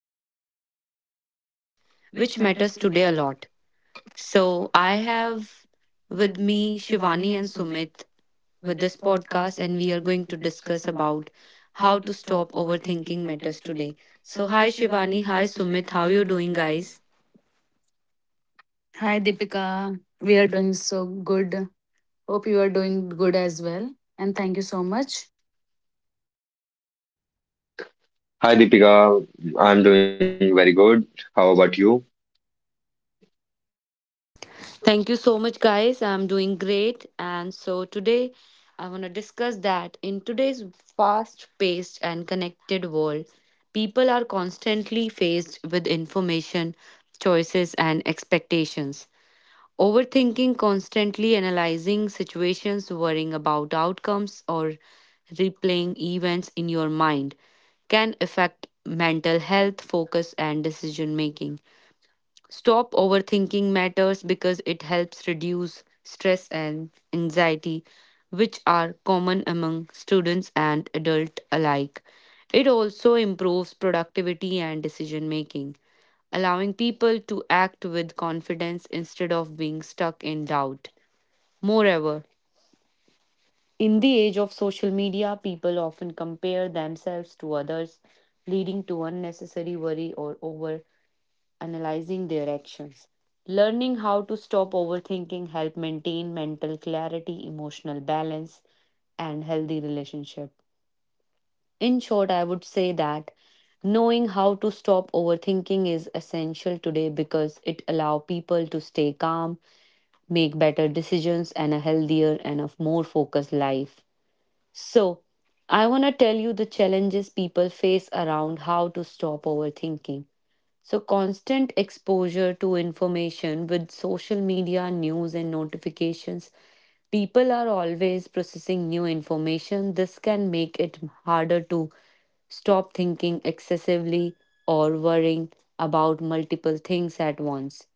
How to stop overthinking, which matters today a lot. So, I have with me Shivani and Sumit with this podcast, and we are going to discuss about how to stop overthinking matters today. So, hi Shivani, hi Sumit, how you doing, guys? Hi, Deepika. We are doing so good. Hope you are doing good as well. And thank you so much. Hi Deepika, I'm doing very good. How about you? Thank you so much, guys. I'm doing great. And so today I want to discuss that in today's fast paced and connected world, people are constantly faced with information, choices, and expectations. Overthinking, constantly analyzing situations, worrying about outcomes, or replaying events in your mind can affect mental health, focus, and decision making. Stop overthinking matters because it helps reduce stress and anxiety, which are common among students and adults alike. It also improves productivity and decision making, allowing people to act with confidence instead of being stuck in doubt. Moreover, in the age of social media, people often compare themselves to others, leading to unnecessary worry or overthinking analyzing their actions. Learning how to stop overthinking help maintain mental clarity, emotional balance, and healthy relationship. In short, I would say that knowing how to stop overthinking is essential today because it allow people to stay calm, make better decisions and a healthier and a more focused life. So, I want to tell you the challenges people face around how to stop overthinking. So, constant exposure to information with social media, news, and notifications, people are always processing new information. This can make it harder to stop thinking excessively or worrying about multiple things at once.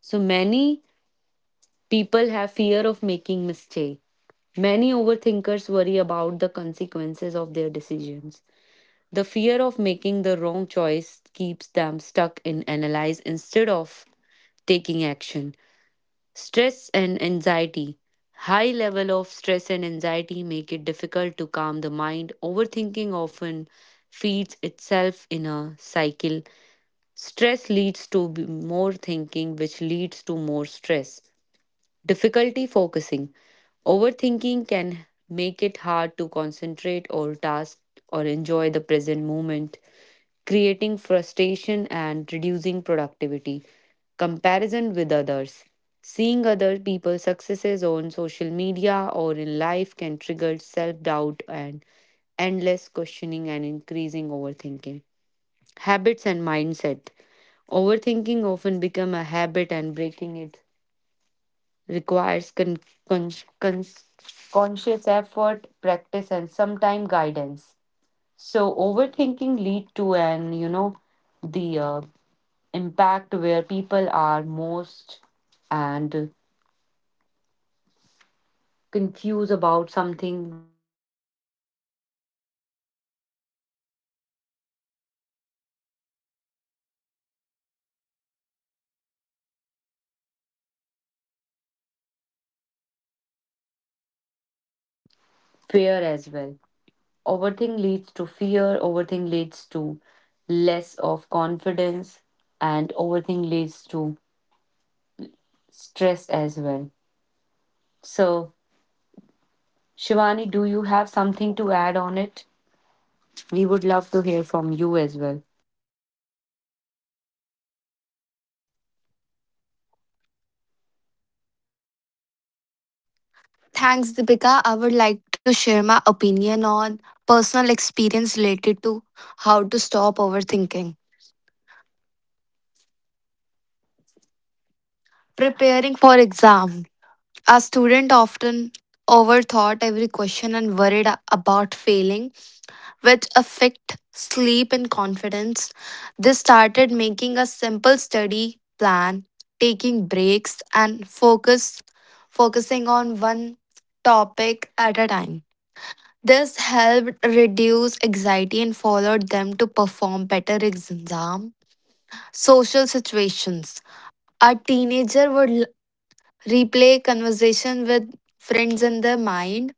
So, many people have fear of making mistake. Many overthinkers worry about the consequences of their decisions. The fear of making the wrong choice keeps them stuck in analyze instead of taking action. Stress and anxiety. High level of stress and anxiety make it difficult to calm the mind. Overthinking often feeds itself in a cycle. Stress leads to more thinking, which leads to more stress. Difficulty focusing. Overthinking can make it hard to concentrate or task or enjoy the present moment creating frustration and reducing productivity. Comparison with others. Seeing other people's successes on social media or in life can trigger self doubt and endless questioning and increasing overthinking. Habits and mindset. Overthinking often become a habit and breaking it requires con- con- conscious effort, practice and sometime guidance. So overthinking lead to an the impact where people are most and confused about something fear as well. Overthink leads to fear, overthink leads to less of confidence, and overthink leads to stress as well. So, Shivani, do you have something to add on it? We would love to hear from you as well. Thanks, Deepika. I would like to share my opinion on personal experience related to how to stop overthinking. Preparing for exam, a student often overthought every question and worried about failing which affect sleep and confidence. They started making a simple study plan, taking breaks and focusing on one topic at a time. This helped reduce anxiety and followed them to perform better exam social situations. A teenager would replay conversation with friends in their mind,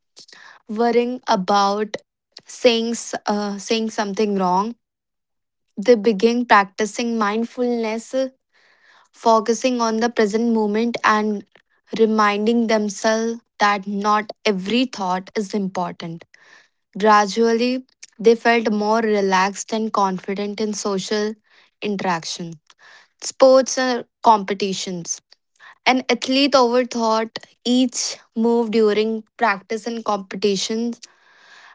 worrying about saying something wrong. They begin practicing mindfulness, focusing on the present moment and reminding themselves that not every thought is important. Gradually, they felt more relaxed and confident in social interaction. Sports and competitions. An athlete overthought each move during practice and competitions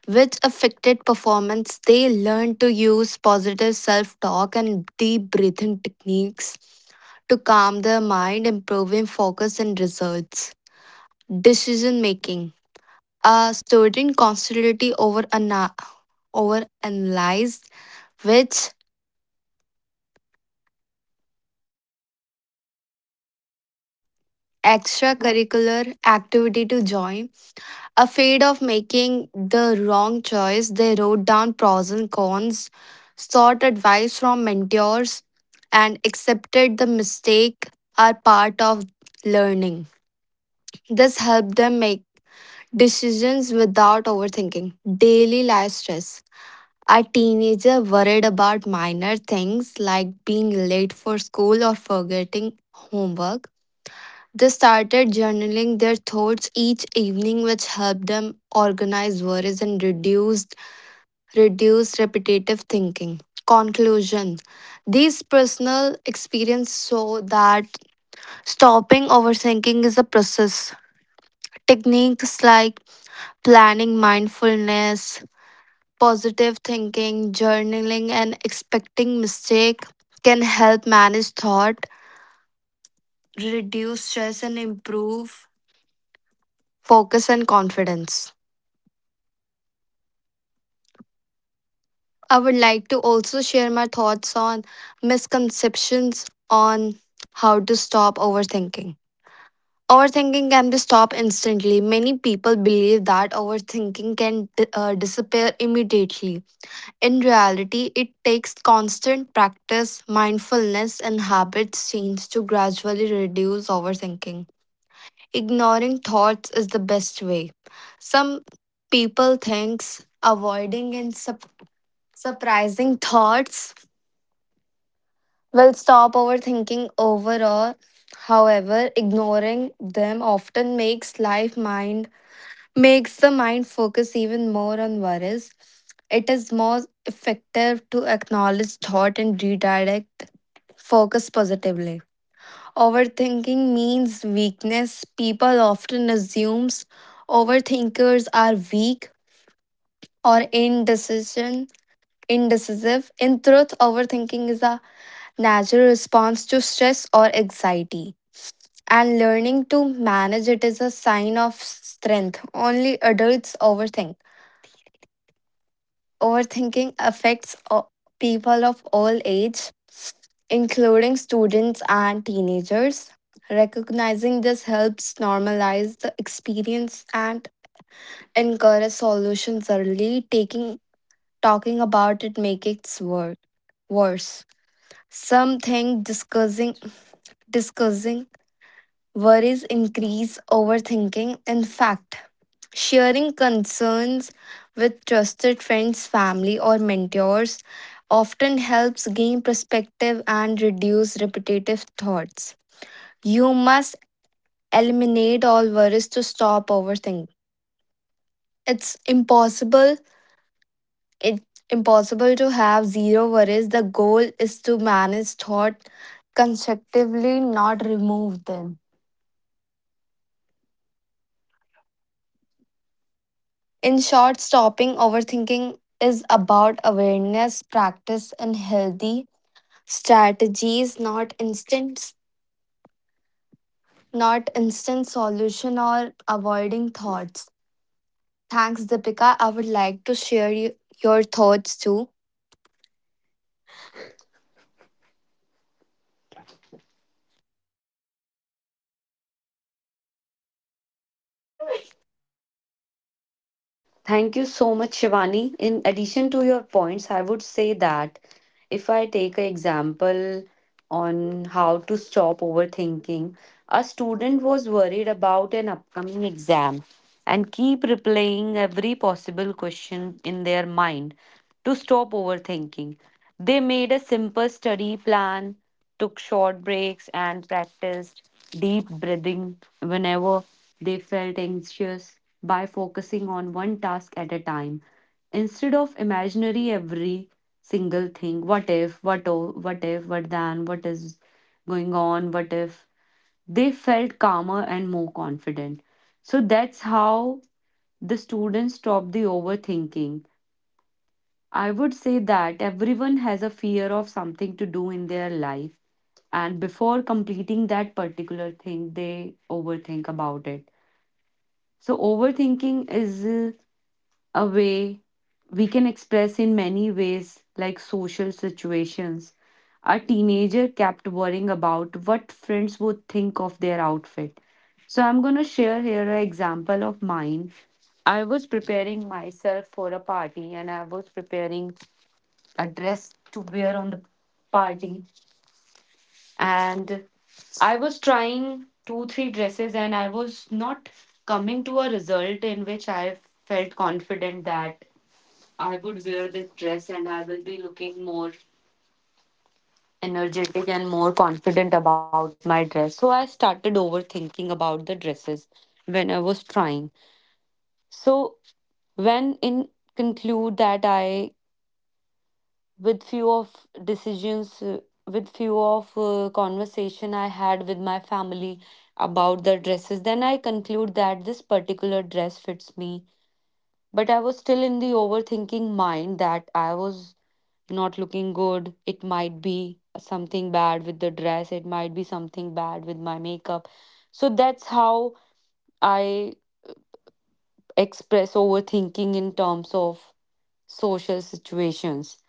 which affected performance. They learned to use positive self talk and deep breathing techniques to calm their mind, improving focus and results. Decision making. A student constantly over analyzed which extracurricular activity to join. Afraid of making the wrong choice, they wrote down pros and cons, sought advice from mentors, and accepted the mistake are part of learning. This helped them make decisions without overthinking. Daily life stress. A teenager worried about minor things like being late for school or forgetting homework. They started journaling their thoughts each evening, which helped them organize worries and reduce repetitive thinking. Conclusion. These personal experience show that stopping overthinking is a process. Techniques like planning mindfulness, positive thinking, journaling, and expecting mistake can help manage thought, reduce stress, and improve focus and confidence. I would like to also share my thoughts on misconceptions on how to stop overthinking. Overthinking can be stopped instantly. Many people believe that overthinking can disappear immediately. In reality, it takes constant practice, mindfulness, and habits change to gradually reduce overthinking. Ignoring thoughts is the best way. Some people thinks avoiding and sup- surprising thoughts. Well, stop overthinking overall. However, ignoring them often makes life mind makes the mind focus even more on worries. It is more effective to acknowledge thought and redirect focus positively. Overthinking means weakness. People often assumes overthinkers are weak or indecision indecisive. In truth, overthinking is a natural response to stress or anxiety, and learning to manage it is a sign of strength. Only adults overthink. Overthinking affects people of all age, including students and teenagers. Recognizing this helps normalize the experience and encourage solutions early. Taking Talking about it makes it worse. Some think discussing worries increase overthinking. In fact, sharing concerns with trusted friends, family, or mentors often helps gain perspective and reduce repetitive thoughts. You must eliminate all worries to stop overthinking. It's impossible. It's impossible to have zero worries. The goal is to manage thought constructively, not remove them. In short, stopping overthinking is about awareness, practice, and healthy strategies, not instant solution or avoiding thoughts. Thanks, Deepika. I would like to share you, your thoughts too. Thank you so much, Shivani. In addition to your points, I would say that if I take an example on how to stop overthinking, a student was worried about an upcoming exam and keep replaying every possible question in their mind to stop overthinking. They made a simple study plan, took short breaks, and practiced deep breathing whenever they felt anxious by focusing on one task at a time instead of imaginary every single thing, what if, what, oh what if, what then, what is going on, what if, they felt calmer and more confident. So that's how the students stop the overthinking. I would say that everyone has a fear of something to do in their life, and before completing that particular thing they overthink about it. So overthinking is a way we can express in many ways, like social situations. A teenager kept worrying about what friends would think of their outfit. So, I'm gonna share here an example of mine. I was preparing myself for a party and I was preparing a dress to wear on the party, and I was trying two, three dresses, and I was not coming to a result in which I felt confident that I would wear this dress and I will be looking more energetic and more confident about my dress. So I started overthinking about the dresses when I was trying. So when in conclude that I with few of decisions, with few of conversation I had with my family about the dresses, then I conclude that this particular dress fits me. But I was still in the overthinking mind that I was not looking good. It might be something bad with the dress, it might be something bad with my makeup. So that's how I express overthinking in terms of social situations.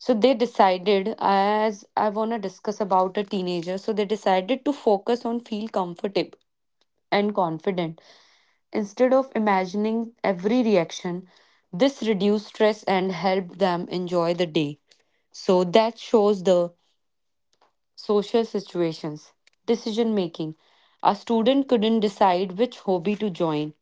So they decided, as I want to discuss about a teenager, so they decided to focus on feel comfortable and confident, instead of imagining every reaction, this reduced stress and helped them enjoy the day. So that shows the social situations. Decision making. A student couldn't decide which hobby to join.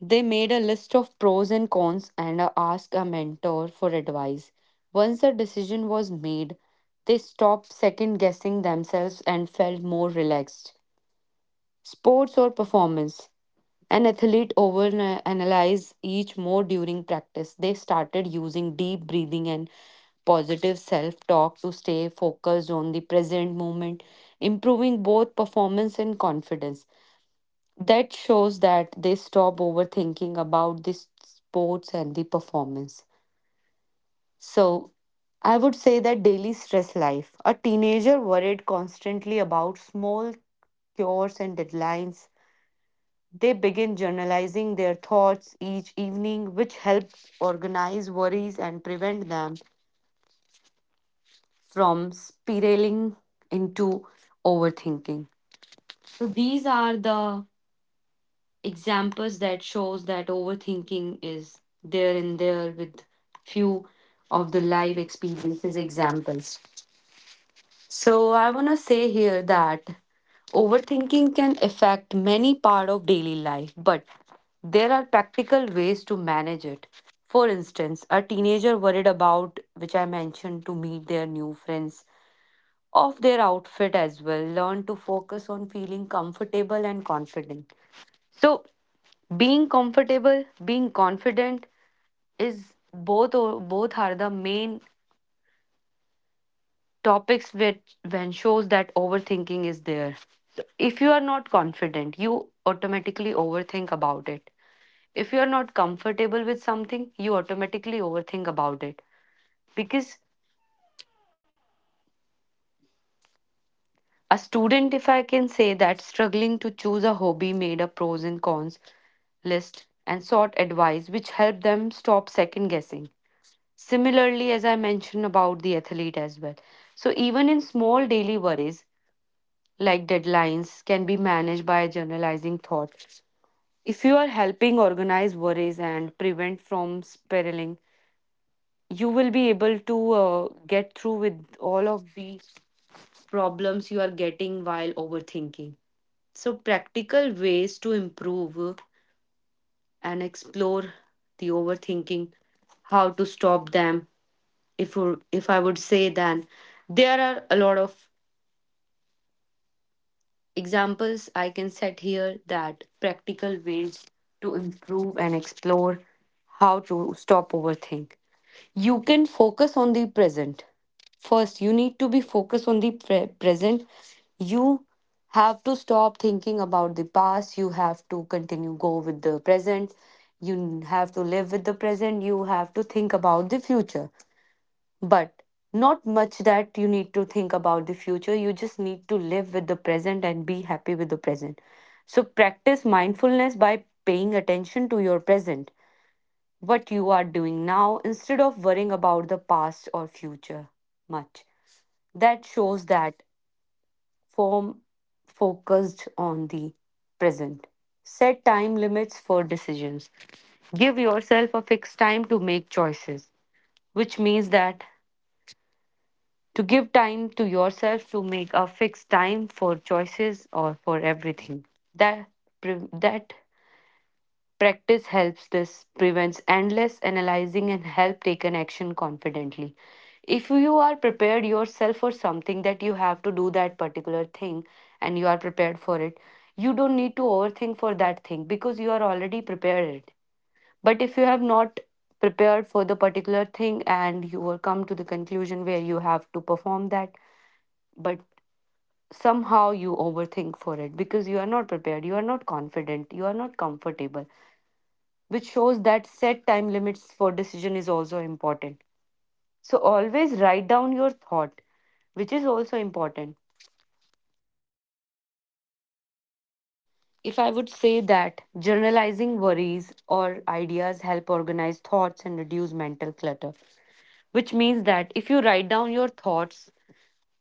They made a list of pros and cons and asked a mentor for advice. Once the decision was made, they stopped second guessing themselves and felt more relaxed. Sports or performance. An athlete overanalyze each more during practice. They started using deep breathing and positive self talk to stay focused on the present moment, improving both performance and confidence. That shows that they stop overthinking about the sports and the performance. So, I would say that daily stress life. A teenager worried constantly about small cures and deadlines, they begin journalizing their thoughts each evening, which helps organize worries and prevent them from spiraling into overthinking. So these are the examples that shows that overthinking is there and there with few of the live experiences examples. So I want to say here that overthinking can affect many part of daily life, but there are practical ways to manage it. For instance, a teenager worried about which I mentioned to meet their new friends of their outfit as well learn to focus on feeling comfortable and confident. So being comfortable, being confident is both are the main topics which when shows that overthinking is there. So if you are not confident you automatically overthink about it. If you are not comfortable with something you automatically overthink about it, because a student, if I can say that struggling to choose a hobby made a pros and cons list and sought advice which helped them stop second guessing, similarly as I mentioned about the athlete as well. So even in small daily worries like deadlines, can be managed by journalizing thought. If you are helping organize worries and prevent from spiraling, you will be able to get through with all of the problems you are getting while overthinking. So, practical ways to improve and explore the overthinking, how to stop them. If I would say, then there are a lot of examples I can set here that practical ways to improve and explore how to stop overthink. You can focus on the present. First, you need to be focused on the present. You have to stop thinking about the past. You have to continue go with the present. You have to live with the present. You have to think about the future, but not much that you need to think about the future. You just need to live with the present and be happy with the present. So practice mindfulness by paying attention to your present, what you are doing now instead of worrying about the past or future much. That shows that form focused on the present. Set time limits for decisions. Give yourself a fixed time to make choices, which means that to give time to yourself to make a fixed time for choices or for everything. That pre- that practice helps, this prevents endless analyzing and help take an action confidently. If you are prepared yourself for something that you have to do that particular thing and you are prepared for it, you don't need to overthink for that thing because you are already prepared. But if you have not prepared for the particular thing and you will come to the conclusion where you have to perform that, but somehow you overthink for it because you are not prepared, you are not confident, you are not comfortable, which shows that set time limits for decision is also important. So always write down your thought, which is also important. If I would say that journalizing worries or ideas help organize thoughts and reduce mental clutter, which means that if you write down your thoughts,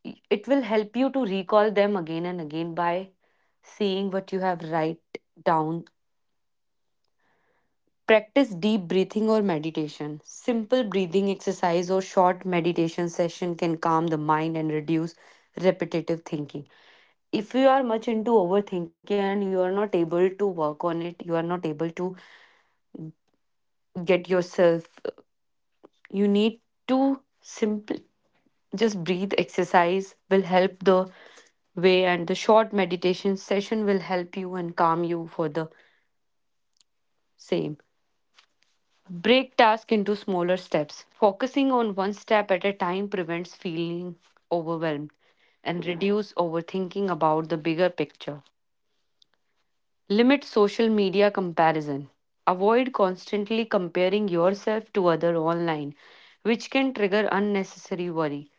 it will help you to recall them again and again by seeing what you have write down. Practice deep breathing or meditation. Simple breathing exercise or short meditation session can calm the mind and reduce repetitive thinking. If you are much into overthinking and you are not able to work on it, you are not able to get yourself, you need to simply just breathe exercise will help the way and the short meditation session will help you and calm you for the same. Break tasks into smaller steps. Focusing on one step at a time prevents feeling overwhelmed and reduce overthinking about the bigger picture. Limit social media comparison. Avoid constantly comparing yourself to other online, which can trigger unnecessary worry.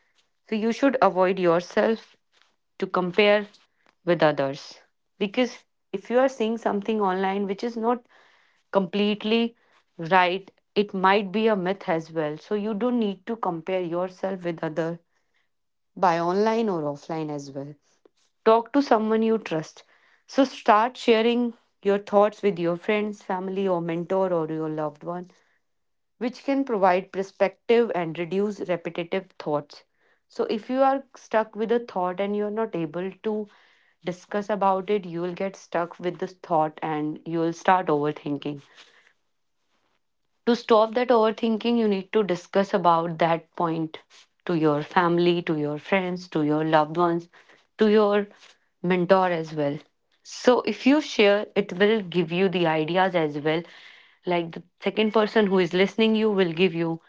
So you should avoid yourself to compare with others, because if you are seeing something online which is not completely right, it might be a myth as well. So you don't need to compare yourself with other by online or offline as well. Talk to someone you trust. So start sharing your thoughts with your friends, family or mentor or your loved one, which can provide perspective and reduce repetitive thoughts. So if you are stuck with a thought and you're not able to discuss about it, you will get stuck with this thought and you will start overthinking. To stop that overthinking, you need to discuss about that point to your family, to your friends, to your loved ones, to your mentor as well. So if you share, it will give you the ideas as well, like the second person who is listening, you will give you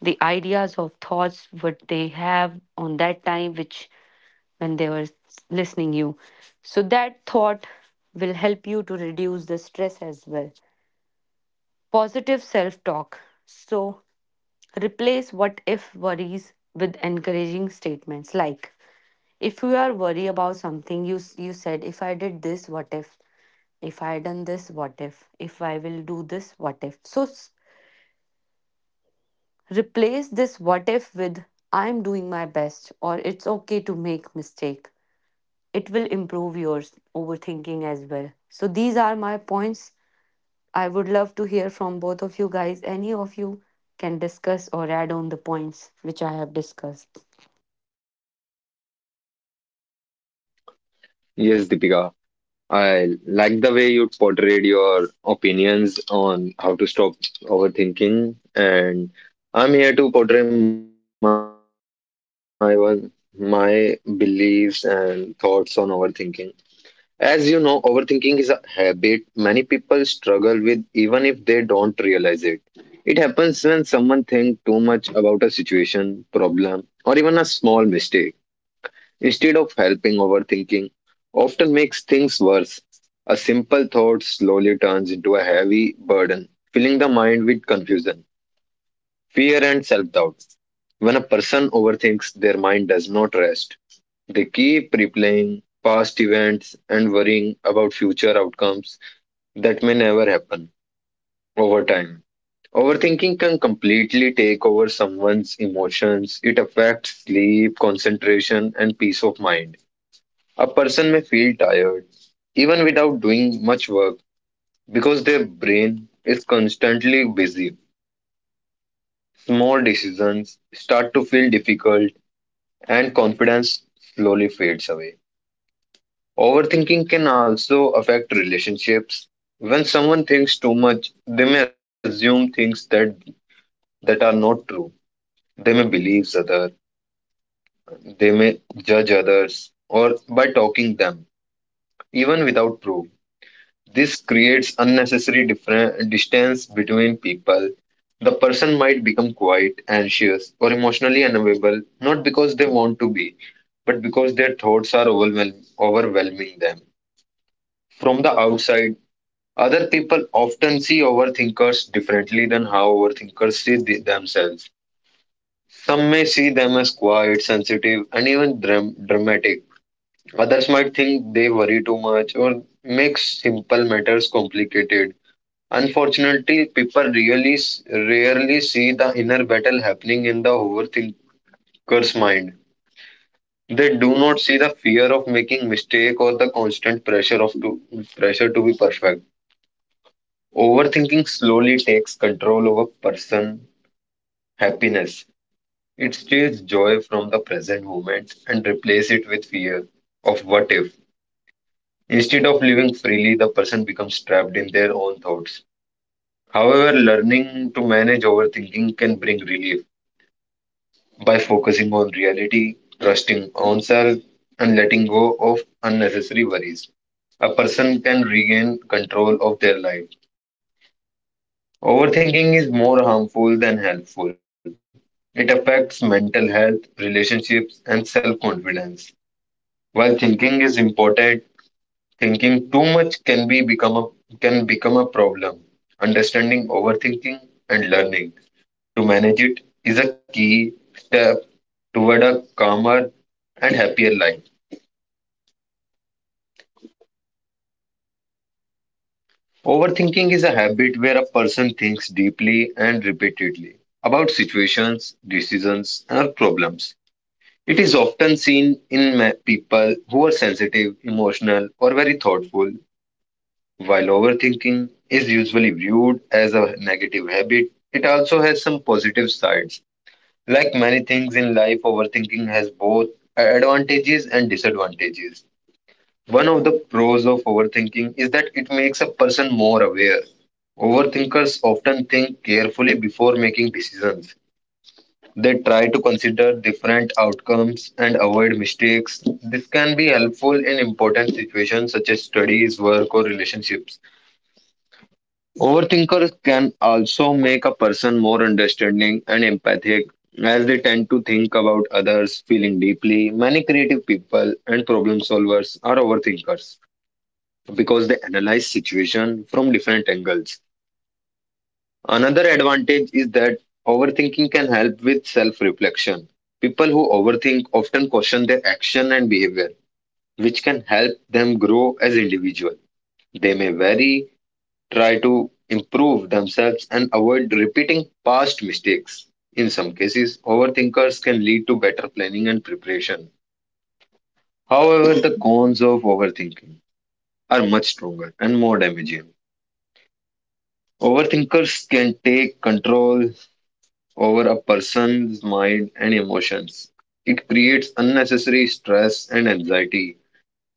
the ideas of thoughts what they have on that time which when they were listening you, so that thought will help you to reduce the stress as well. Positive self talk. So replace what if worries with encouraging statements like, if you are worried about something, you said, if I did this, what if? If I done this, what if? If I will do this, what if? So replace this what if with, I'm doing my best, or it's okay to make mistake. It will improve your overthinking as well. So these are my points. I would love to hear from both of you guys. Any of you can discuss or add on the points which I have discussed. Yes, Deepika. I like the way you portrayed your opinions on how to stop overthinking, and I'm here to portray my beliefs and thoughts on overthinking. As you know, overthinking is a habit many people struggle with even if they don't realize it. It happens when someone thinks too much about a situation, problem, or even a small mistake often makes things worse. A simple thought slowly turns into a heavy burden, filling the mind with confusion, fear, and self doubt. When a person overthinks, their mind does not rest. They keep replaying past events and worrying about future outcomes that may never happen over time. Overthinking can completely take over someone's emotions. It affects sleep, concentration, and peace of mind. A person may feel tired even without doing much work because their brain is constantly busy. Small decisions start to feel difficult and confidence slowly fades away. Overthinking can also affect relationships. When someone thinks too much, they may assume things that are not true. They may believe others, they may judge others or by talking them even without proof. This creates unnecessary different distance between people. The person might become quiet, anxious, or emotionally unavailable, not because they want to be, but because their thoughts are overwhelming them. From the outside, other people often see overthinkers differently than how overthinkers see themselves. Some may see them as quiet, sensitive, and even dramatic. Others might think they worry too much or make simple matters complicated. Unfortunately, people rarely see the inner battle happening in the overthinker's mind. They do not see the fear of making mistake or the constant pressure of to, pressure to be perfect. Overthinking slowly takes control over person happiness. It steals joy from the present moment and replaces it with fear of what if. Instead of living freely, the person becomes trapped in their own thoughts. However, learning to manage overthinking can bring relief. By focusing on reality, trusting oneself, and letting go of unnecessary worries. A person can regain control of their life. Overthinking is more harmful than helpful. It affects mental health, relationships, and self confidence. While thinking is important, thinking too much can become a problem. Understanding overthinking and learning to manage it is a key step toward a calmer and happier life. Overthinking is a habit where a person thinks deeply and repeatedly about situations, decisions, or problems. It is often seen in people who are sensitive, emotional, or very thoughtful. While overthinking is usually viewed as a habit, it also has some positive sides. Like many things in life, overthinking has both advantages and disadvantages. One of the pros of overthinking is that it makes a person more aware. Overthinkers often think carefully before making decisions. They try to consider different outcomes and avoid mistakes. This can be helpful in important situations such as studies, work, or relationships. Overthinkers can also make a person more understanding and empathic as they tend to think about others, feeling deeply. Many creative people and problem solvers are overthinkers because they analyze situation from different angles. Another advantage is that overthinking can help with self-reflection. People who overthink often question their action and behavior, which can help them grow as individuals. They may vary, try to improve themselves and avoid repeating past mistakes. In some cases, overthinkers can lead to better planning and preparation. However, the cons of overthinking are much stronger and more damaging. Overthinkers can take control over a person's mind and emotions. It creates unnecessary stress and anxiety.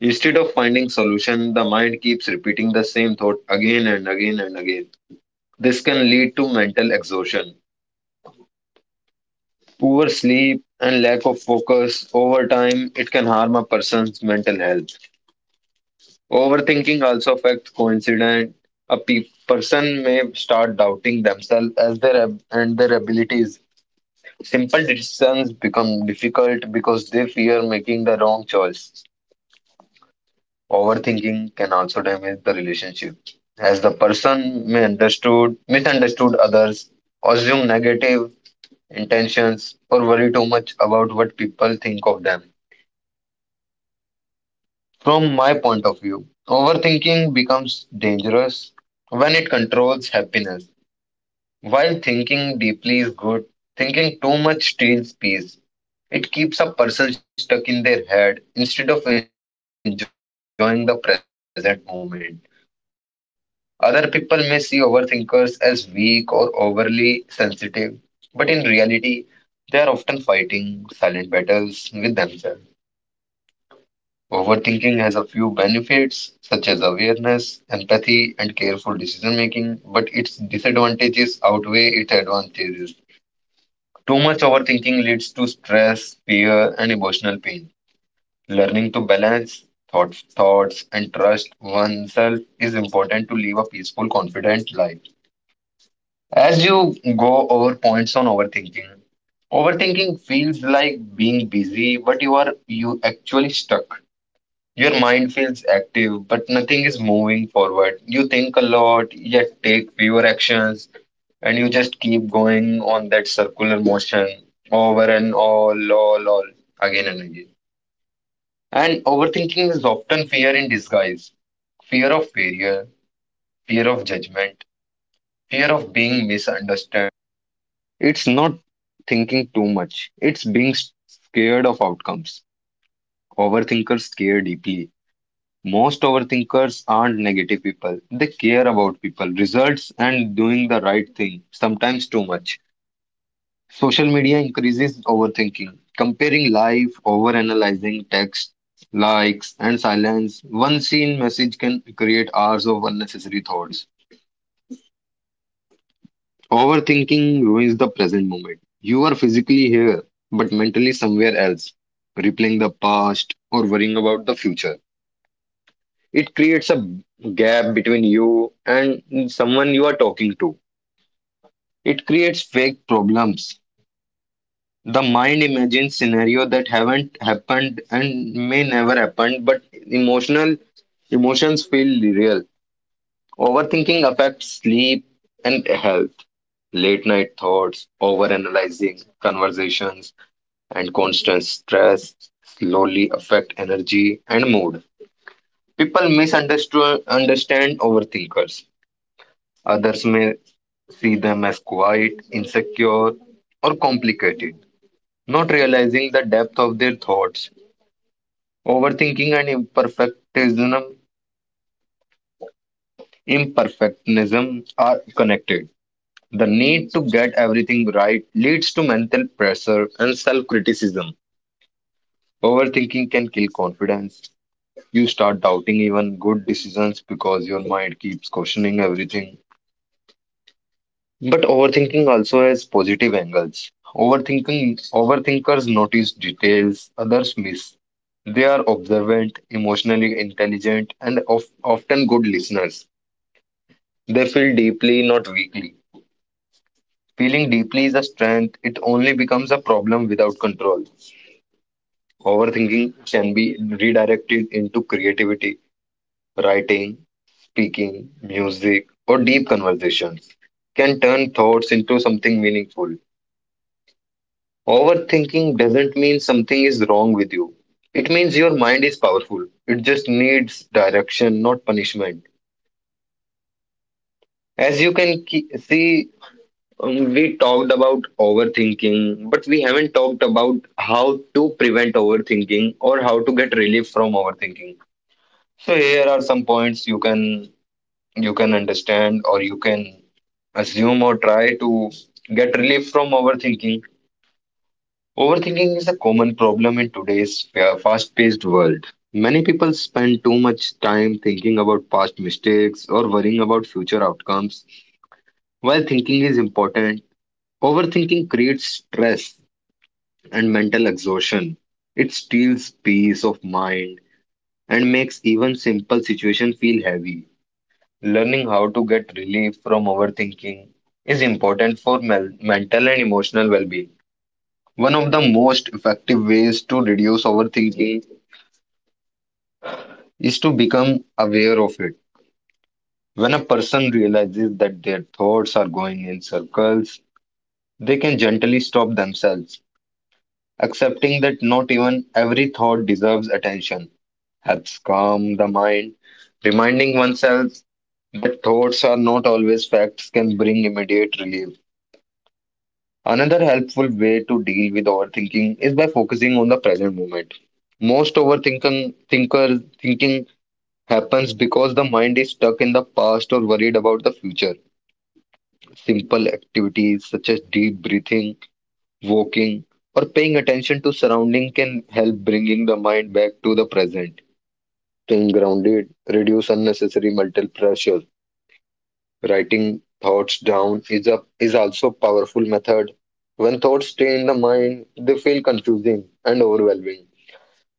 Instead of finding solution, the mind keeps repeating the same thought again and again. This can lead to mental exhaustion, poor sleep, and lack of focus. Over time, it can harm a person's mental health. Overthinking also affects coincidence. A person may start doubting themselves as their ab- and their abilities. Simple decisions become difficult because they fear making the wrong choice. Overthinking can also damage the relationship, as the person may misunderstood others, assume negative intentions, or worry too much about what people think of them. From my point of view, overthinking becomes dangerous when it controls happiness. While thinking deeply is good, thinking too much steals peace. It keeps a person stuck in their head instead of enjoying the present moment. Other people may see overthinkers as weak or overly sensitive, but in reality, they are often fighting silent battles with themselves. Overthinking has a few benefits, such as awareness, empathy, and careful decision making, but its disadvantages outweigh its advantages. Too much overthinking leads to stress, fear, and emotional pain. Learning to balance thoughts and trust oneself is important to live a peaceful, confident life. As you go over points on overthinking, overthinking like being busy, but you actually stuck. Your mind feels active, but nothing is moving forward. You think a lot, yet take fewer actions. You just keep going on that circular motion over and all again and again. And overthinking is often fear in disguise, fear of failure, fear of judgment, fear of being misunderstood. It's not thinking too much, it's being scared of outcomes. Overthinkers care deeply. Most overthinkers aren't negative people. They care about people, results, and doing the right thing, sometimes too much. Social media increases overthinking, comparing life, overanalyzing text, likes, and silence. One seen message can create hours of unnecessary thoughts. Overthinking ruins the present moment. You are physically here, but mentally somewhere else, replaying the past or worrying about the future. It creates a gap between you and someone you are talking to. It creates fake problems. The mind imagines scenario that haven't happened and may never happen, but emotional emotions feel real. Overthinking affects sleep and health. Late night thoughts, overanalyzing conversations, and constant stress slowly affect energy and mood. People misunderstand understand overthinkers. Others may see them as quiet, insecure, or complicated, not realizing the depth of their thoughts. Overthinking and imperfectionism are connected. The need to get everything right leads to mental pressure and self-criticism. Overthinking can kill confidence. You start doubting even good decisions because your mind keeps questioning everything. But overthinking also has positive angles. Overthinking Overthinkers notice details others miss. They are observant, emotionally intelligent, and often good listeners. They feel deeply, not weakly. Feeling deeply is a strength, it only becomes a problem without control. Overthinking can be redirected into creativity, writing, speaking, music, or deep conversations. Can turn thoughts into something meaningful. Overthinking doesn't mean something is wrong with you. It means your mind is powerful. It just needs direction, not punishment. As you can see, we talked about overthinking, but we haven't talked about how to prevent overthinking or how to get relief from overthinking. So here are some points you can understand or you can assume or try to get relief from overthinking. Overthinking is a common problem in today's fast paced world. Many people spend too much time thinking about past mistakes or worrying about future outcomes. While thinking is important, overthinking creates stress and mental exhaustion. It steals peace of mind and makes even simple situations feel heavy. Learning how to get relief from overthinking is important for mental and emotional well being. One of the most effective ways to reduce overthinking is to become aware of it. When a person realizes that their thoughts are going in circles, they can gently stop themselves. Accepting that not even every thought deserves attention helps calm the mind. Reminding oneself that thoughts are not always facts can bring immediate relief. Another helpful way to deal with overthinking is by focusing on the present moment. Most overthinking thinkers thinking happens because the mind is stuck in the past or worried about the future. Simple activities such as deep breathing, walking, or paying attention to surrounding can help bringing the mind back to the present. Staying grounded, reduce unnecessary mental pressure. Writing thoughts down is also a powerful method. When thoughts stay in the mind, they feel confusing and overwhelming.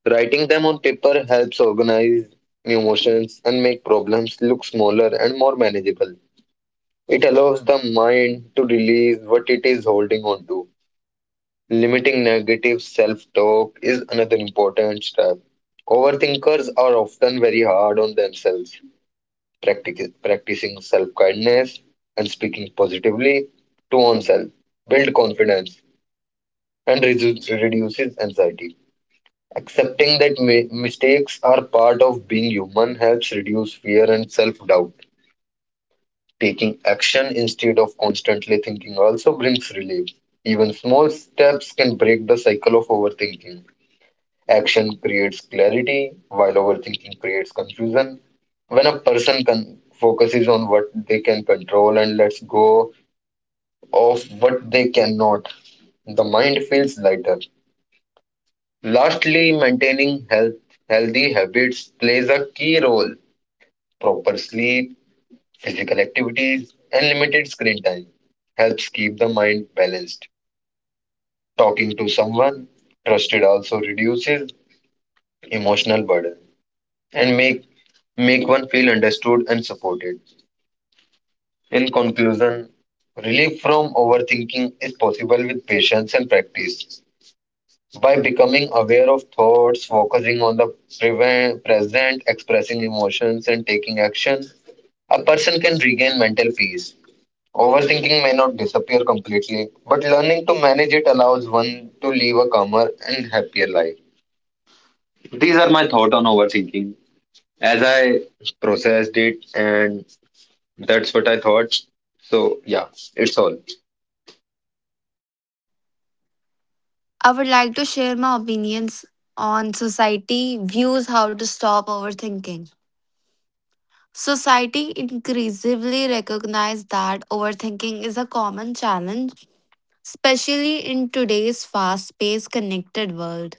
Writing them on paper helps organize emotions and make problems look smaller and more manageable. It allows the mind to release what it is holding on to. Limiting negative self talk is another important step. Overthinkers are often very hard on themselves. Practicing self kindness and speaking positively to oneself build confidence and reduces anxiety. Accepting that mistakes are part of being human helps reduce fear and self-doubt. Taking action instead of constantly thinking also brings relief. Even small steps can break the cycle of overthinking. Action creates clarity, while overthinking creates confusion. When a person focuses on what they can control and lets go of what they cannot, the mind feels lighter. Lastly, healthy habits plays a key role. Proper sleep, physical activities, and limited screen time helps keep the mind balanced. Talking to someone trusted also reduces emotional burden and make one feel understood and supported. In conclusion, relief from overthinking is possible with patience and practice. By becoming aware of thoughts, focusing on the present, expressing emotions, and taking action, a person can regain mental peace. Overthinking may not disappear completely, but learning to manage it allows one to live a calmer and happier life. These are my thoughts on overthinking as I processed it, and that's what I thought. So, yeah, it's all. I would like to share my opinions on society views how to stop overthinking. Society increasingly recognizes that overthinking is a common challenge, especially in today's fast-paced connected world.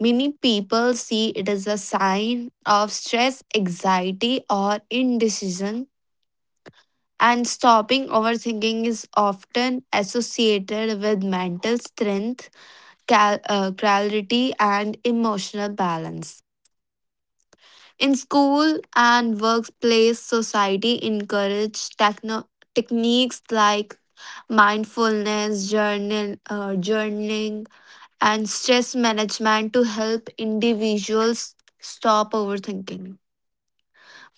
Many people see it as a sign of stress, anxiety, or indecision, and stopping overthinking is often associated with mental strength, clarity, and emotional balance. In school and workplace, society encourage techniques like mindfulness, journaling, and stress management to help individuals stop overthinking.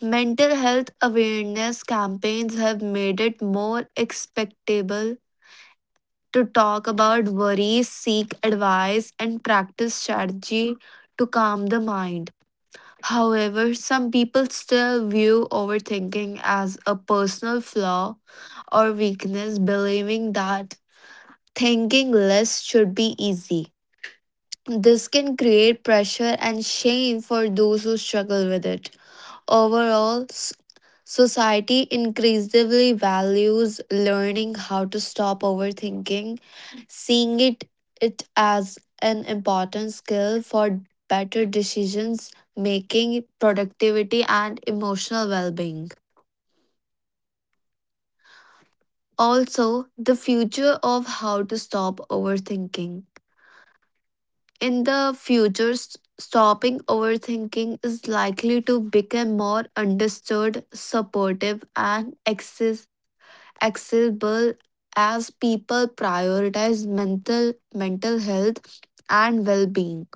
Mental health awareness campaigns have made it more acceptable to talk about worries, seek advice, and practice strategy to calm the mind. However, some people still view overthinking as a personal flaw or weakness, believing that thinking less should be easy. This can create pressure and shame for those who struggle with it. Overall, society increasingly values learning how to stop overthinking, seeing it, it as an important skill for better decisions making, productivity, and emotional well being. Also, the future of how to stop overthinking. In the future, stopping overthinking is likely to become more understood, supportive, and accessible as people prioritize mental health and well-being.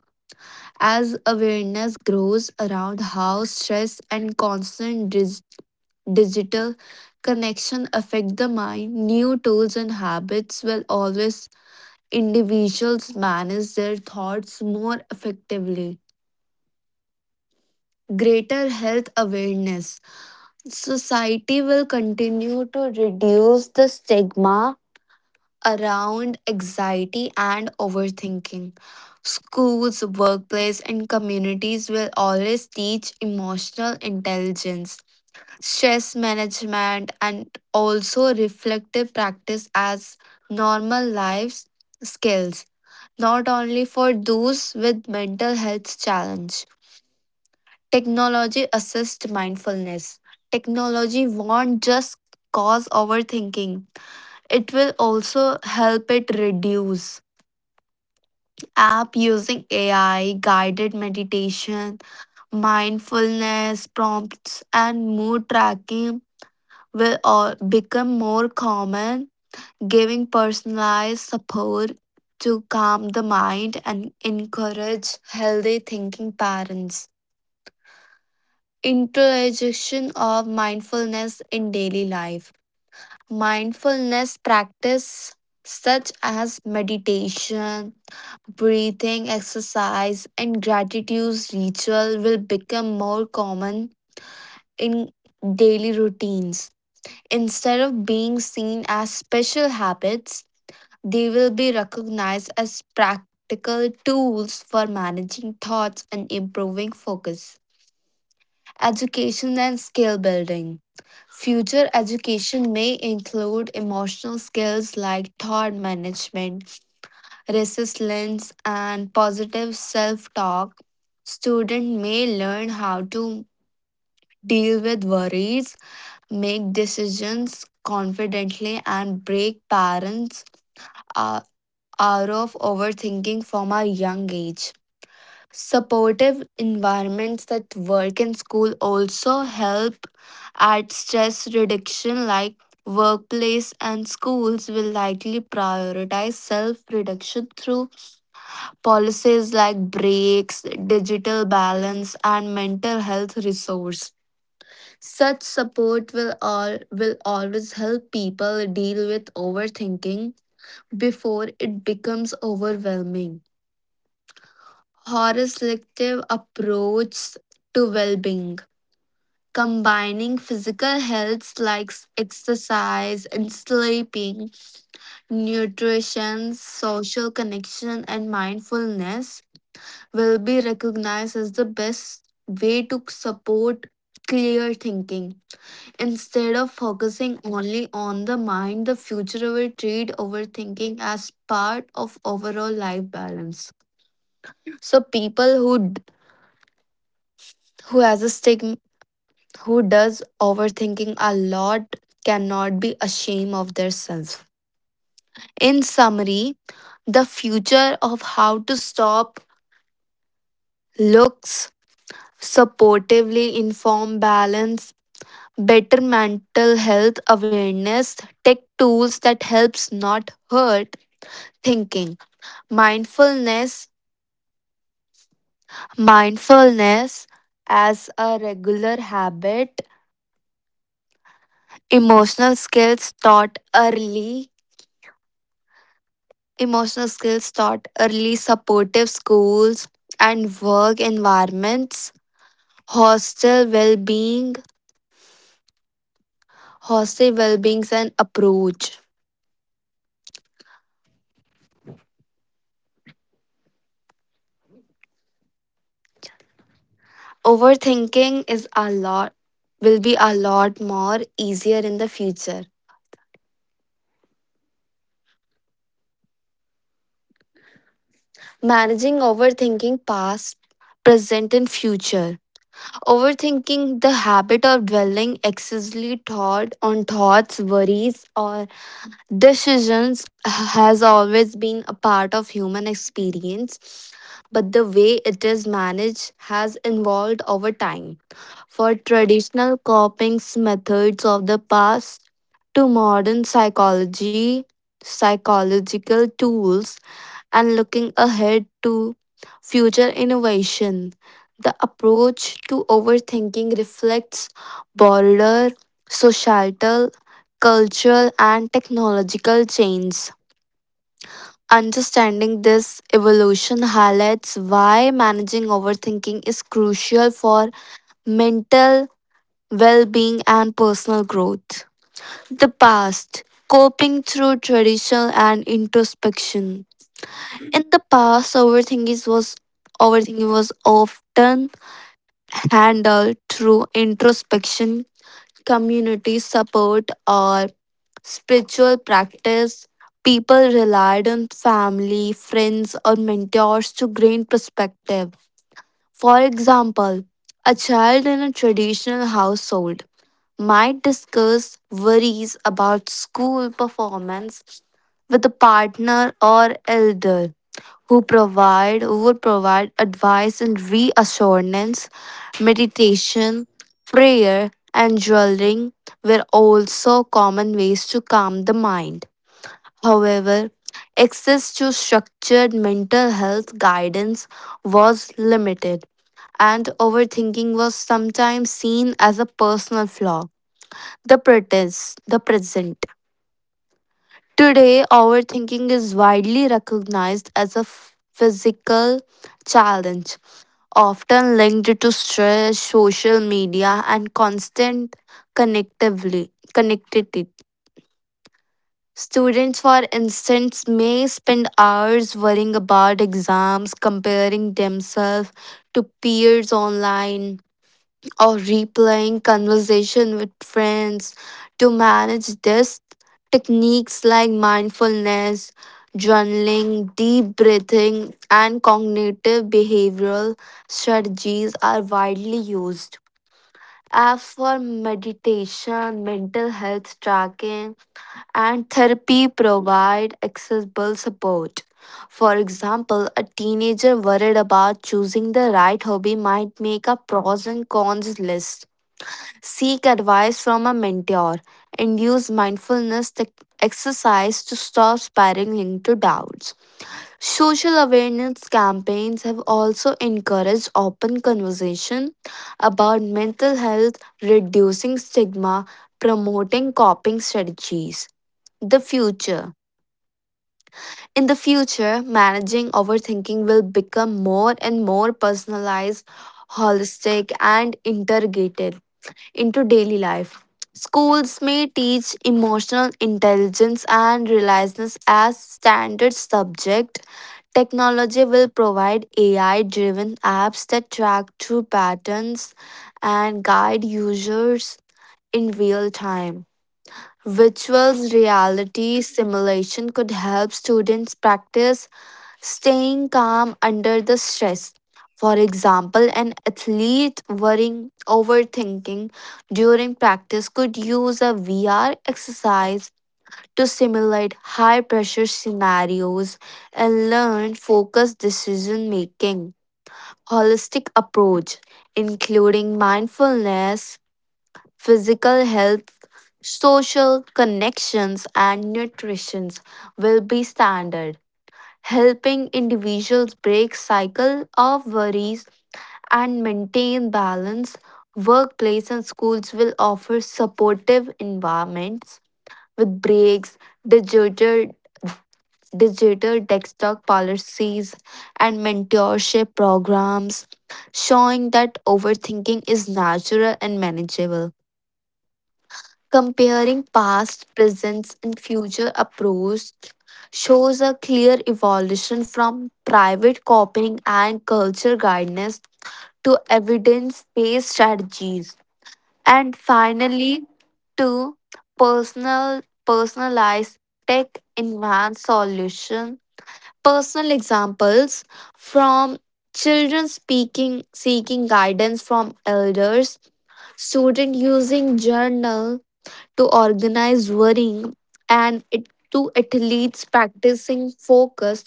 As awareness grows around how stress and constant digital connection affect the mind, new tools and habits will always individuals manage their thoughts more effectively. Greater health awareness. Society will continue to reduce the stigma around anxiety and overthinking. Schools, workplace, and communities will always teach emotional intelligence, stress management, and also reflective practice as normal life skills not only for those with mental health challenge. Technology assist mindfulness. Technology won't just cause overthinking. It will also help it reduce. App using AI, guided meditation, mindfulness prompts and mood tracking will all become more common giving personalized support to calm the mind and encourage healthy thinking parents. Introduction of mindfulness in daily life. Mindfulness practice such as meditation, breathing exercise, and gratitude ritual will become more common in daily routines. Instead of being seen as special habits, they will be recognized as practical tools for managing thoughts and improving focus. Education and skill building. Future education may include emotional skills like thought management, resilience, and positive self talk. Student may learn how to deal with worries, make decisions confidently, and break parents' uh, hour of overthinking from a young age. Supportive environments that work and school also help at stress reduction, like workplace and schools will likely prioritize self reduction through policies like breaks, digital balance, and mental health resource. Such support will always help people deal with overthinking before it becomes overwhelming. Horror selective approach to well-being, combining physical health like exercise and sleeping, nutrition, social connection, and mindfulness will be recognized as the best way to support clear thinking. Instead of focusing only on the mind, the future will treat overthinking as part of overall life balance. So people who has a stigma who does overthinking a lot cannot be ashamed of themselves. In summary, the future of how to stop looks supportively inform balance, better mental health awareness, tech tools that helps not hurt thinking, mindfulness, mindfulness as a regular habit, emotional skills taught early Emotional skills taught early, supportive schools and work environments, hostel well being, hostel well beings and approach. Overthinking is a lot Will be a lot more easier in the future. Managing overthinking past, present and future. Overthinking the habit of dwelling excessively thought on thoughts, worries or decisions has always been a part of human experience, but the way it is managed has evolved over time. For traditional coping methods of the past to modern psychological tools, and looking ahead to future innovation, the approach to overthinking reflects broader societal cultural, and technological change. Understanding this evolution highlights why managing overthinking is crucial for mental well being and personal growth. The past coping through tradition and introspection. In the past, overthinking was often handled through introspection, community support, or spiritual practice. People relied on family, friends, or mentors to gain perspective. For example, a child in a traditional household might discuss worries about school performance with a partner or elder who would provide advice and reassurance. Meditation, prayer and journaling were also common ways to calm the mind. However, access to structured mental health guidance was limited, and overthinking was sometimes seen as a personal flaw. The protest, the present. Today, overthinking is widely recognized as a physical challenge, often linked to stress, social media, and connectivity. Students, for instance, may spend hours worrying about exams, comparing themselves to peers online, or replaying conversation with friends. To manage this, techniques like mindfulness, journaling, deep breathing, and cognitive behavioral strategies are widely used. As for meditation, mental health tracking, and therapy provide accessible support. For example, a teenager worried about choosing the right hobby might make a pros and cons list, seek advice from a mentor, and use mindfulness tech exercise to stop spiraling into doubts. Social awareness campaigns have also encouraged open conversation about mental health, reducing stigma, promoting coping strategies the future. In the future, managing overthinking will become more and more personalized, holistic, and integrated into daily life. Schools may teach emotional intelligence and resilience as standard subject. Technology will provide AI driven apps that track true patterns and guide users in real time. Virtual reality simulation could help students practice staying calm under the stress. For example, an athlete worrying overthinking during practice could use a VR exercise to simulate high pressure scenarios and learn focused decision making. Holistic approach including mindfulness, physical health social connections and nutrition will be standard, helping individuals break cycle of worries and maintain balance. Workplace and schools will offer supportive environments with breaks, digital digital desktop policies and mentorship programs showing that overthinking is natural and manageable. Comparing past, present, and future approach shows a clear evolution from private copying and culture guidance to evidence based strategies. And finally, to personal personalized tech advanced solution. Personal examples from children speaking seeking guidance from elders, student using journal to organized worrying and it, to athletes practicing focus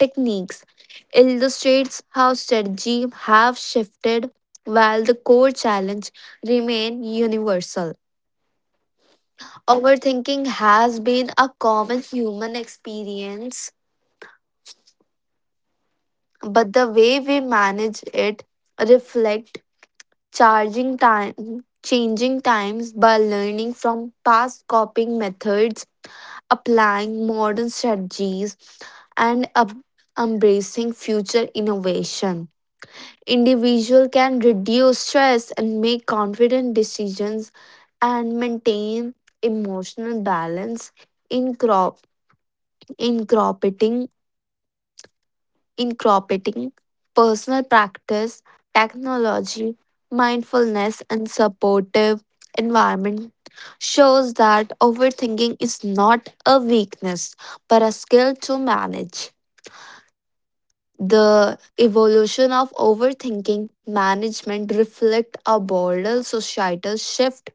techniques illustrates how strategy have shifted while the core challenge remain universal. Overthinking has been a common human experience but the way we manage it reflect charging time changing times by learning from past coping methods, applying modern strategies and embracing future innovation. Individual can reduce stress and make confident decisions and maintain emotional balance in crop in cropping in cropping personal practice, technology, mindfulness and supportive environment shows that overthinking is not a weakness but a skill to manage. The evolution of overthinking management reflect a broader societal shift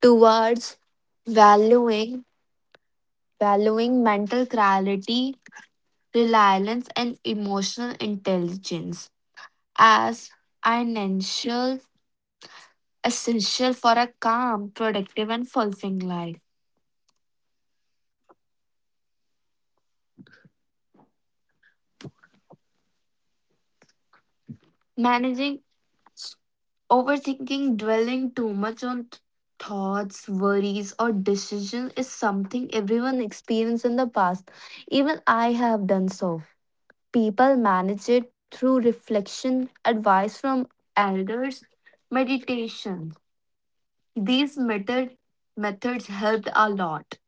towards valuing valuing mental clarity, reliance, and emotional intelligence as an essential for a calm, productive, and fulfilling life. Managing overthinking, dwelling too much on thoughts, worries, or decisions is something everyone experienced in the past. Even I have done so. People manage it through reflection, advice from elders, meditation. These method, methods helped a lot.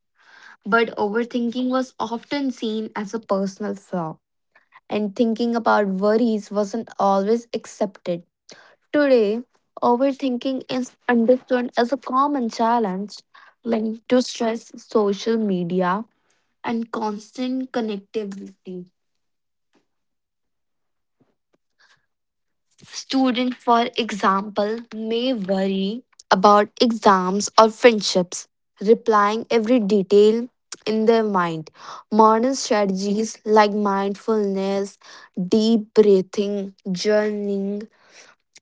But overthinking was often seen as a personal flaw, and thinking about worries wasn't always accepted. Today, overthinking is understood as a common challenge linked to stress, social media, and constant connectivity. Students, for example, may worry about exams or friendships, replying every detail in their mind. Modern strategies like mindfulness, deep breathing, journaling,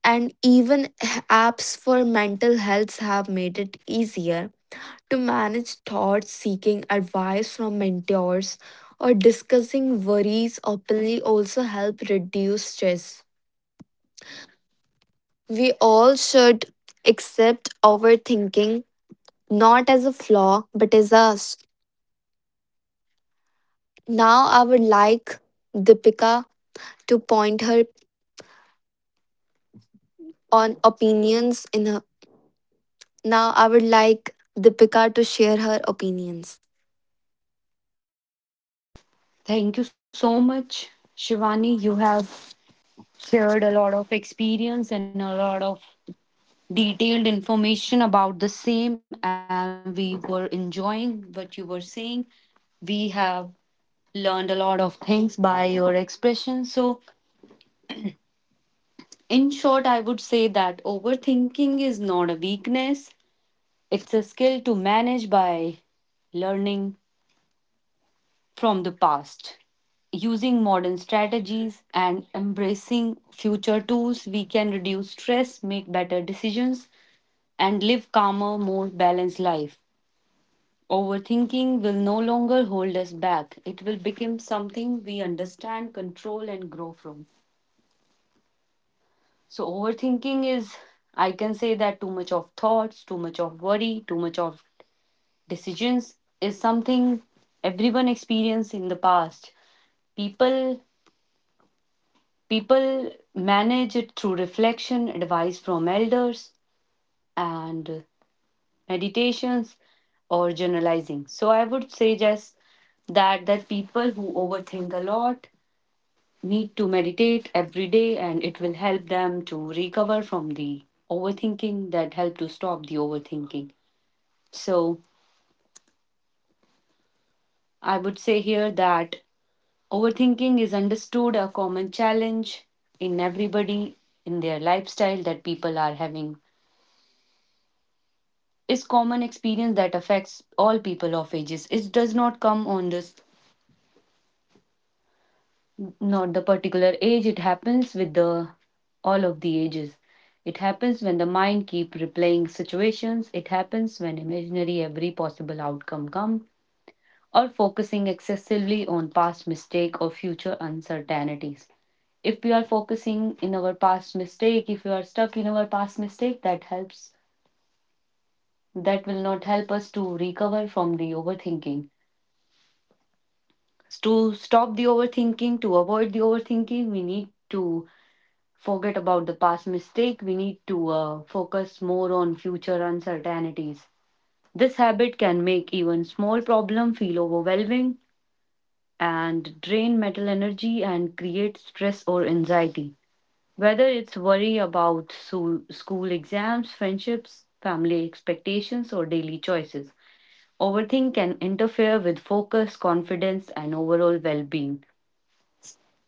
and even apps for mental health have made it easier to manage thoughts, seeking advice from mentors, or discussing worries openly also help reduce stress. We all should accept overthinking not as a flaw but as us. Now I would like Deepika to point her on opinions in her. Now I would like Deepika to share her opinions. Thank you so much, Shivani. You have shared a lot of experience and a lot of detailed information about the same, and we were enjoying what you were saying. We have learned a lot of things by your expression. So, in short, I would say that overthinking is not a weakness, it's a skill to manage by learning from the past. Using modern strategies and embracing future tools, we can reduce stress, make better decisions, and live calmer, more balanced life. Overthinking will no longer hold us back. It will become something we understand, control, and grow from. So, overthinking is, I can say that too much of thoughts, too much of worry, too much of decisions is something everyone experienced in the past. People People manage it through reflection, advice from elders, and meditations or generalizing. So I would suggest that people who overthink a lot need to meditate every day and it will help them to recover from the overthinking, that help to stop the overthinking. So I would say here that overthinking is understood a common challenge in everybody in their lifestyle that people are having, is common experience that affects all people of ages. It does not come on this, not the particular age. It happens with the all of the ages. It happens when the mind keep replaying situations. It happens when imaginary every possible outcome come, or focusing excessively on past mistake or future uncertainties. If we are focusing in our past mistake, if we are stuck in our past mistake, that will not help us to recover from the overthinking. To stop the overthinking, to avoid the overthinking, we need to forget about the past mistake. We need to focus more on future uncertainties. This habit can make even small problem feel overwhelming and drain mental energy and create stress or anxiety, whether it's worry about school exams, friendships, family expectations or daily choices. Overthink can interfere with focus, confidence and overall well-being.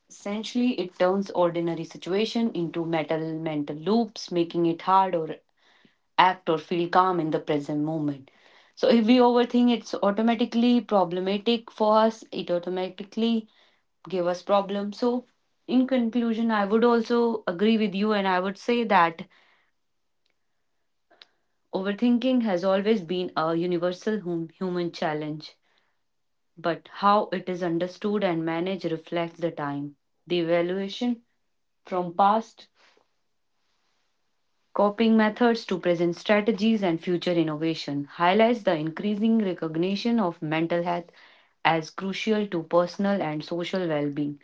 Essentially, it turns ordinary situation into metal mental loops, making it hard or act or feel calm in the present moment. So if we overthink, it's automatically problematic for us. It automatically give us problem. So in conclusion, I would also agree with you, and I would say that overthinking has always been a universal human challenge. But how it is understood and managed reflects the time, the evaluation from past coping methods to present strategies and future innovation, highlights the increasing recognition of mental health as crucial to personal and social well being.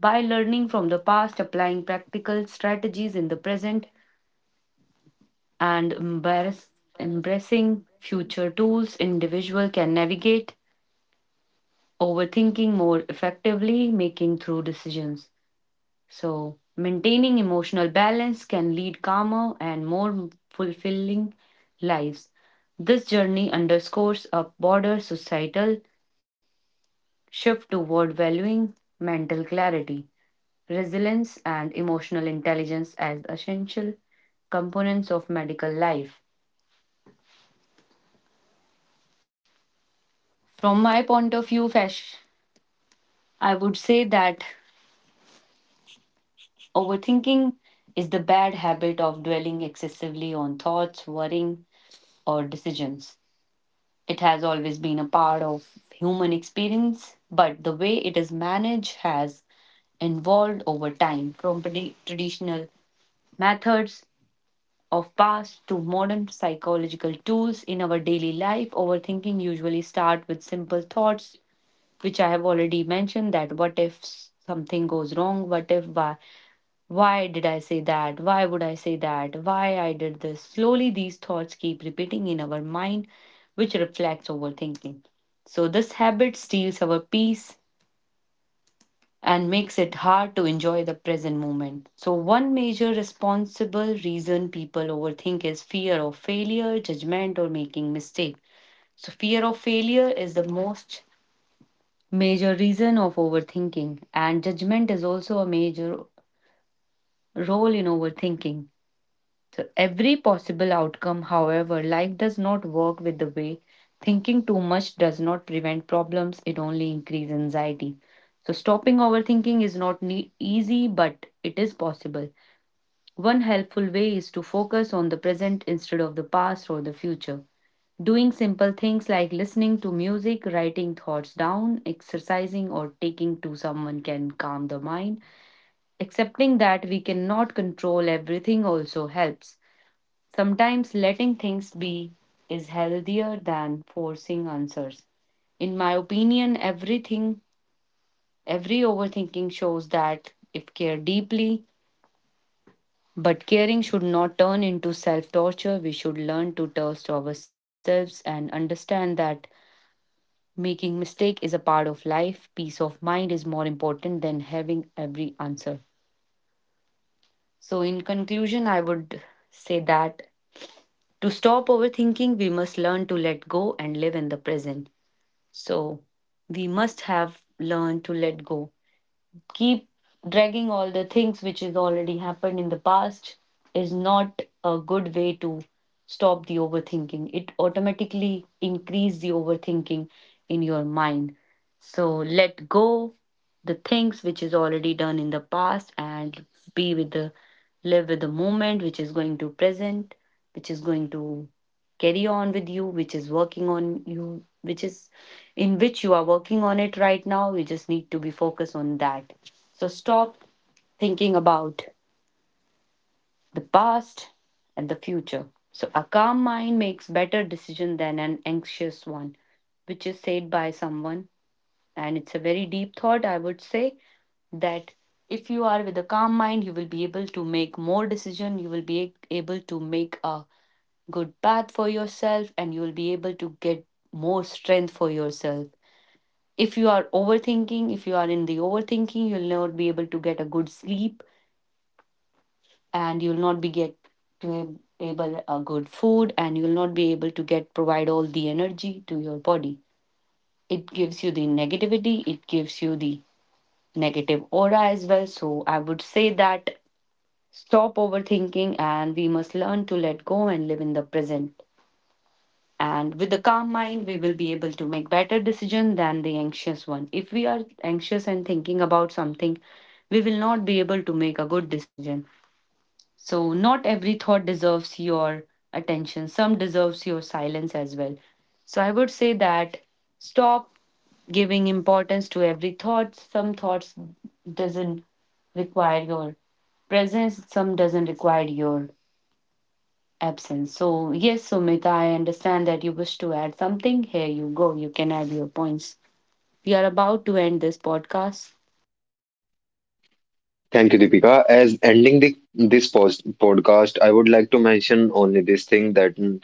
By learning from the past, applying practical strategies in the present, and embracing future tools, individual can navigate overthinking more effectively, making through decisions. So, maintaining emotional balance can lead calmer and more fulfilling lives. This journey underscores a broader societal shift toward valuing mental clarity, resilience, and emotional intelligence as essential components of medical life. From my point of view, Fesh, I would say that overthinking is the bad habit of dwelling excessively on thoughts, worrying, or decisions. It has always been a part of human experience, but the way it is managed has evolved over time, from traditional methods of past to modern psychological tools in our daily life. Overthinking usually starts with simple thoughts, which I have already mentioned, that what if something goes wrong? What if, why? Why did I say that? Why would I say that? Why I did this? Slowly, these thoughts keep repeating in our mind, which reflects overthinking. So, this habit steals our peace and makes it hard to enjoy the present moment. So, one major responsible reason people overthink is fear of failure, judgment, or making mistake. So, fear of failure is the most major reason of overthinking, and judgment is also a major role in overthinking. So every possible outcome. However, life does not work with the way, thinking too much does not prevent problems, it only increases anxiety. So, stopping overthinking is not easy, but it is possible. One helpful way is to focus on the present instead of the past or the future. Doing simple things like listening to music, writing thoughts down, exercising, or taking to someone can calm the mind. Accepting that we cannot control everything also helps. Sometimes letting things be is healthier than forcing answers. In my opinion, every overthinking shows that if care deeply, but caring should not turn into self torture. We should learn to trust ourselves and understand that making mistake is a part of life. Peace of mind is more important than having every answer. So, in conclusion, I would say that to stop overthinking, we must learn to let go and live in the present. So we must have learned to let go. Keep dragging all the things which is already happened in the past is not a good way to stop the overthinking. It automatically increase the overthinking in your mind. So let go the things which is already done in the past, and be with the, live with the moment which is going to present, which is going to carry on with you, which is working on you, which is, in which you are working on it right now, you just need to be focused on that. So stop thinking about the past and the future. So a calm mind makes better decision than an anxious one, which is said by someone, and it's a very deep thought, I would say, that if you are with a calm mind, you will be able to make more decision, you will be able to make a good bath for yourself, and you will be able to get more strength for yourself. If you are overthinking, if you are in the overthinking, you'll not be able to get a good sleep, and you'll not be get to able a good food, and you'll not be able to get provide all the energy to your body. It gives you the negativity, it gives you the negative aura as well. So I would say that stop overthinking, and we must learn to let go and live in the present, and with the calm mind we will be able to make better decision than the anxious one. If we are anxious and thinking about something, we will not be able to make a good decision. So not every thought deserves your attention, some deserves your silence as well. So I would say that stop giving importance to every thought. Some thoughts doesn't require your presence, some doesn't require your absence. So, yes, Sumita, I understand that you wish to add something. Here you go. You can add your points. We are about to end this podcast. Thank you, Deepika. As ending this podcast, I would like to mention only this thing that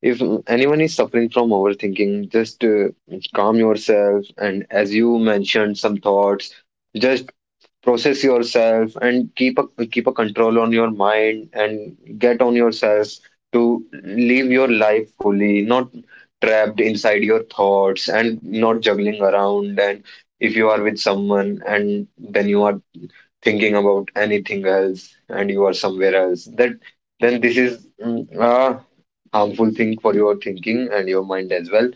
if anyone is suffering from overthinking, just calm yourself. And as you mentioned, some thoughts, just process yourself and keep a control on your mind and get on yourself to live your life fully, not trapped inside your thoughts and not juggling around, and if you are with someone and then you are thinking about anything else and you are somewhere else, that then this is a harmful thing for your thinking and your mind as well.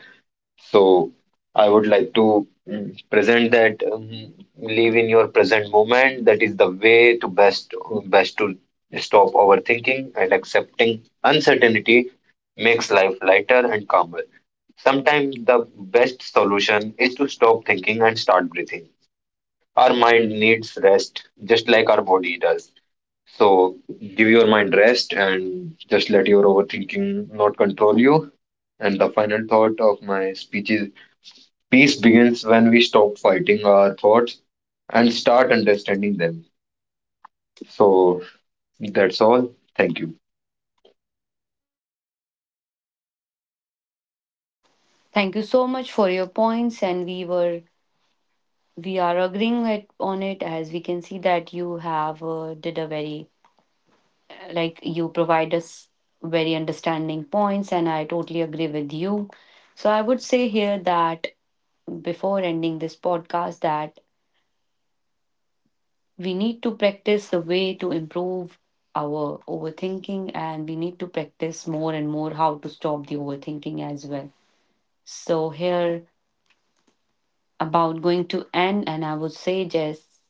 So I would like to present that live in your present moment. That is the way to best best to stop overthinking, and accepting uncertainty makes life lighter and calmer. Sometimes the best solution is to stop thinking and start breathing. Our mind needs rest, just like our body does. So give your mind rest and just let your overthinking not control you. And the final thought of my speech is, peace begins when we stop fighting our thoughts and start understanding them. So that's all. Thank you. Thank you so much for your points, and we are agreeing it, on it, as we can see that you have did a very like, you provide us very understanding points, and I totally agree with you. So I would say here that before ending this podcast, that we need to practice the way to improve our overthinking, and we need to practice more and more how to stop the overthinking as well. So here, about going to end, and I would say, just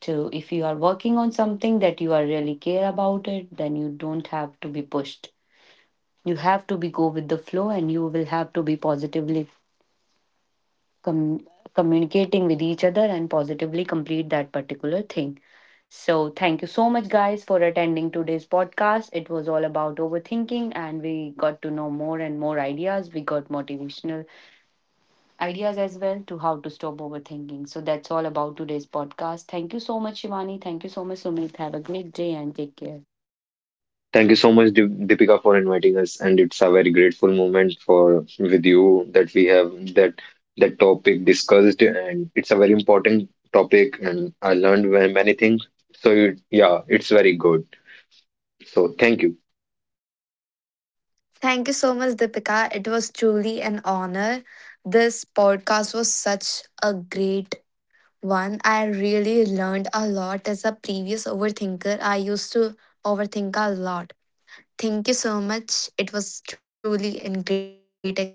to, if you are working on something that you are really care about it, then you don't have to be pushed, you have to be go with the flow, and you will have to be positively com- communicating with each other and positively complete that particular thing. So, thank you so much, guys, for attending today's podcast. It was all about overthinking, and we got to know more and more ideas. We got motivational ideas as well to how to stop overthinking. So, that's all about today's podcast. Thank you so much, Shivani. Thank you so much, Sumit. Have a great day and take care. Thank you so much, Deepika, for inviting us. And it's a very grateful moment for with you that we have that topic discussed. And it's a very important topic, and I learned many things. So it, yeah, it's very good. So thank you. Thank you so much, Deepika. It was truly an honor. This podcast was such a great one. I really learned a lot as a previous overthinker. I used to overthink a lot. Thank you so much. It was truly a great experience.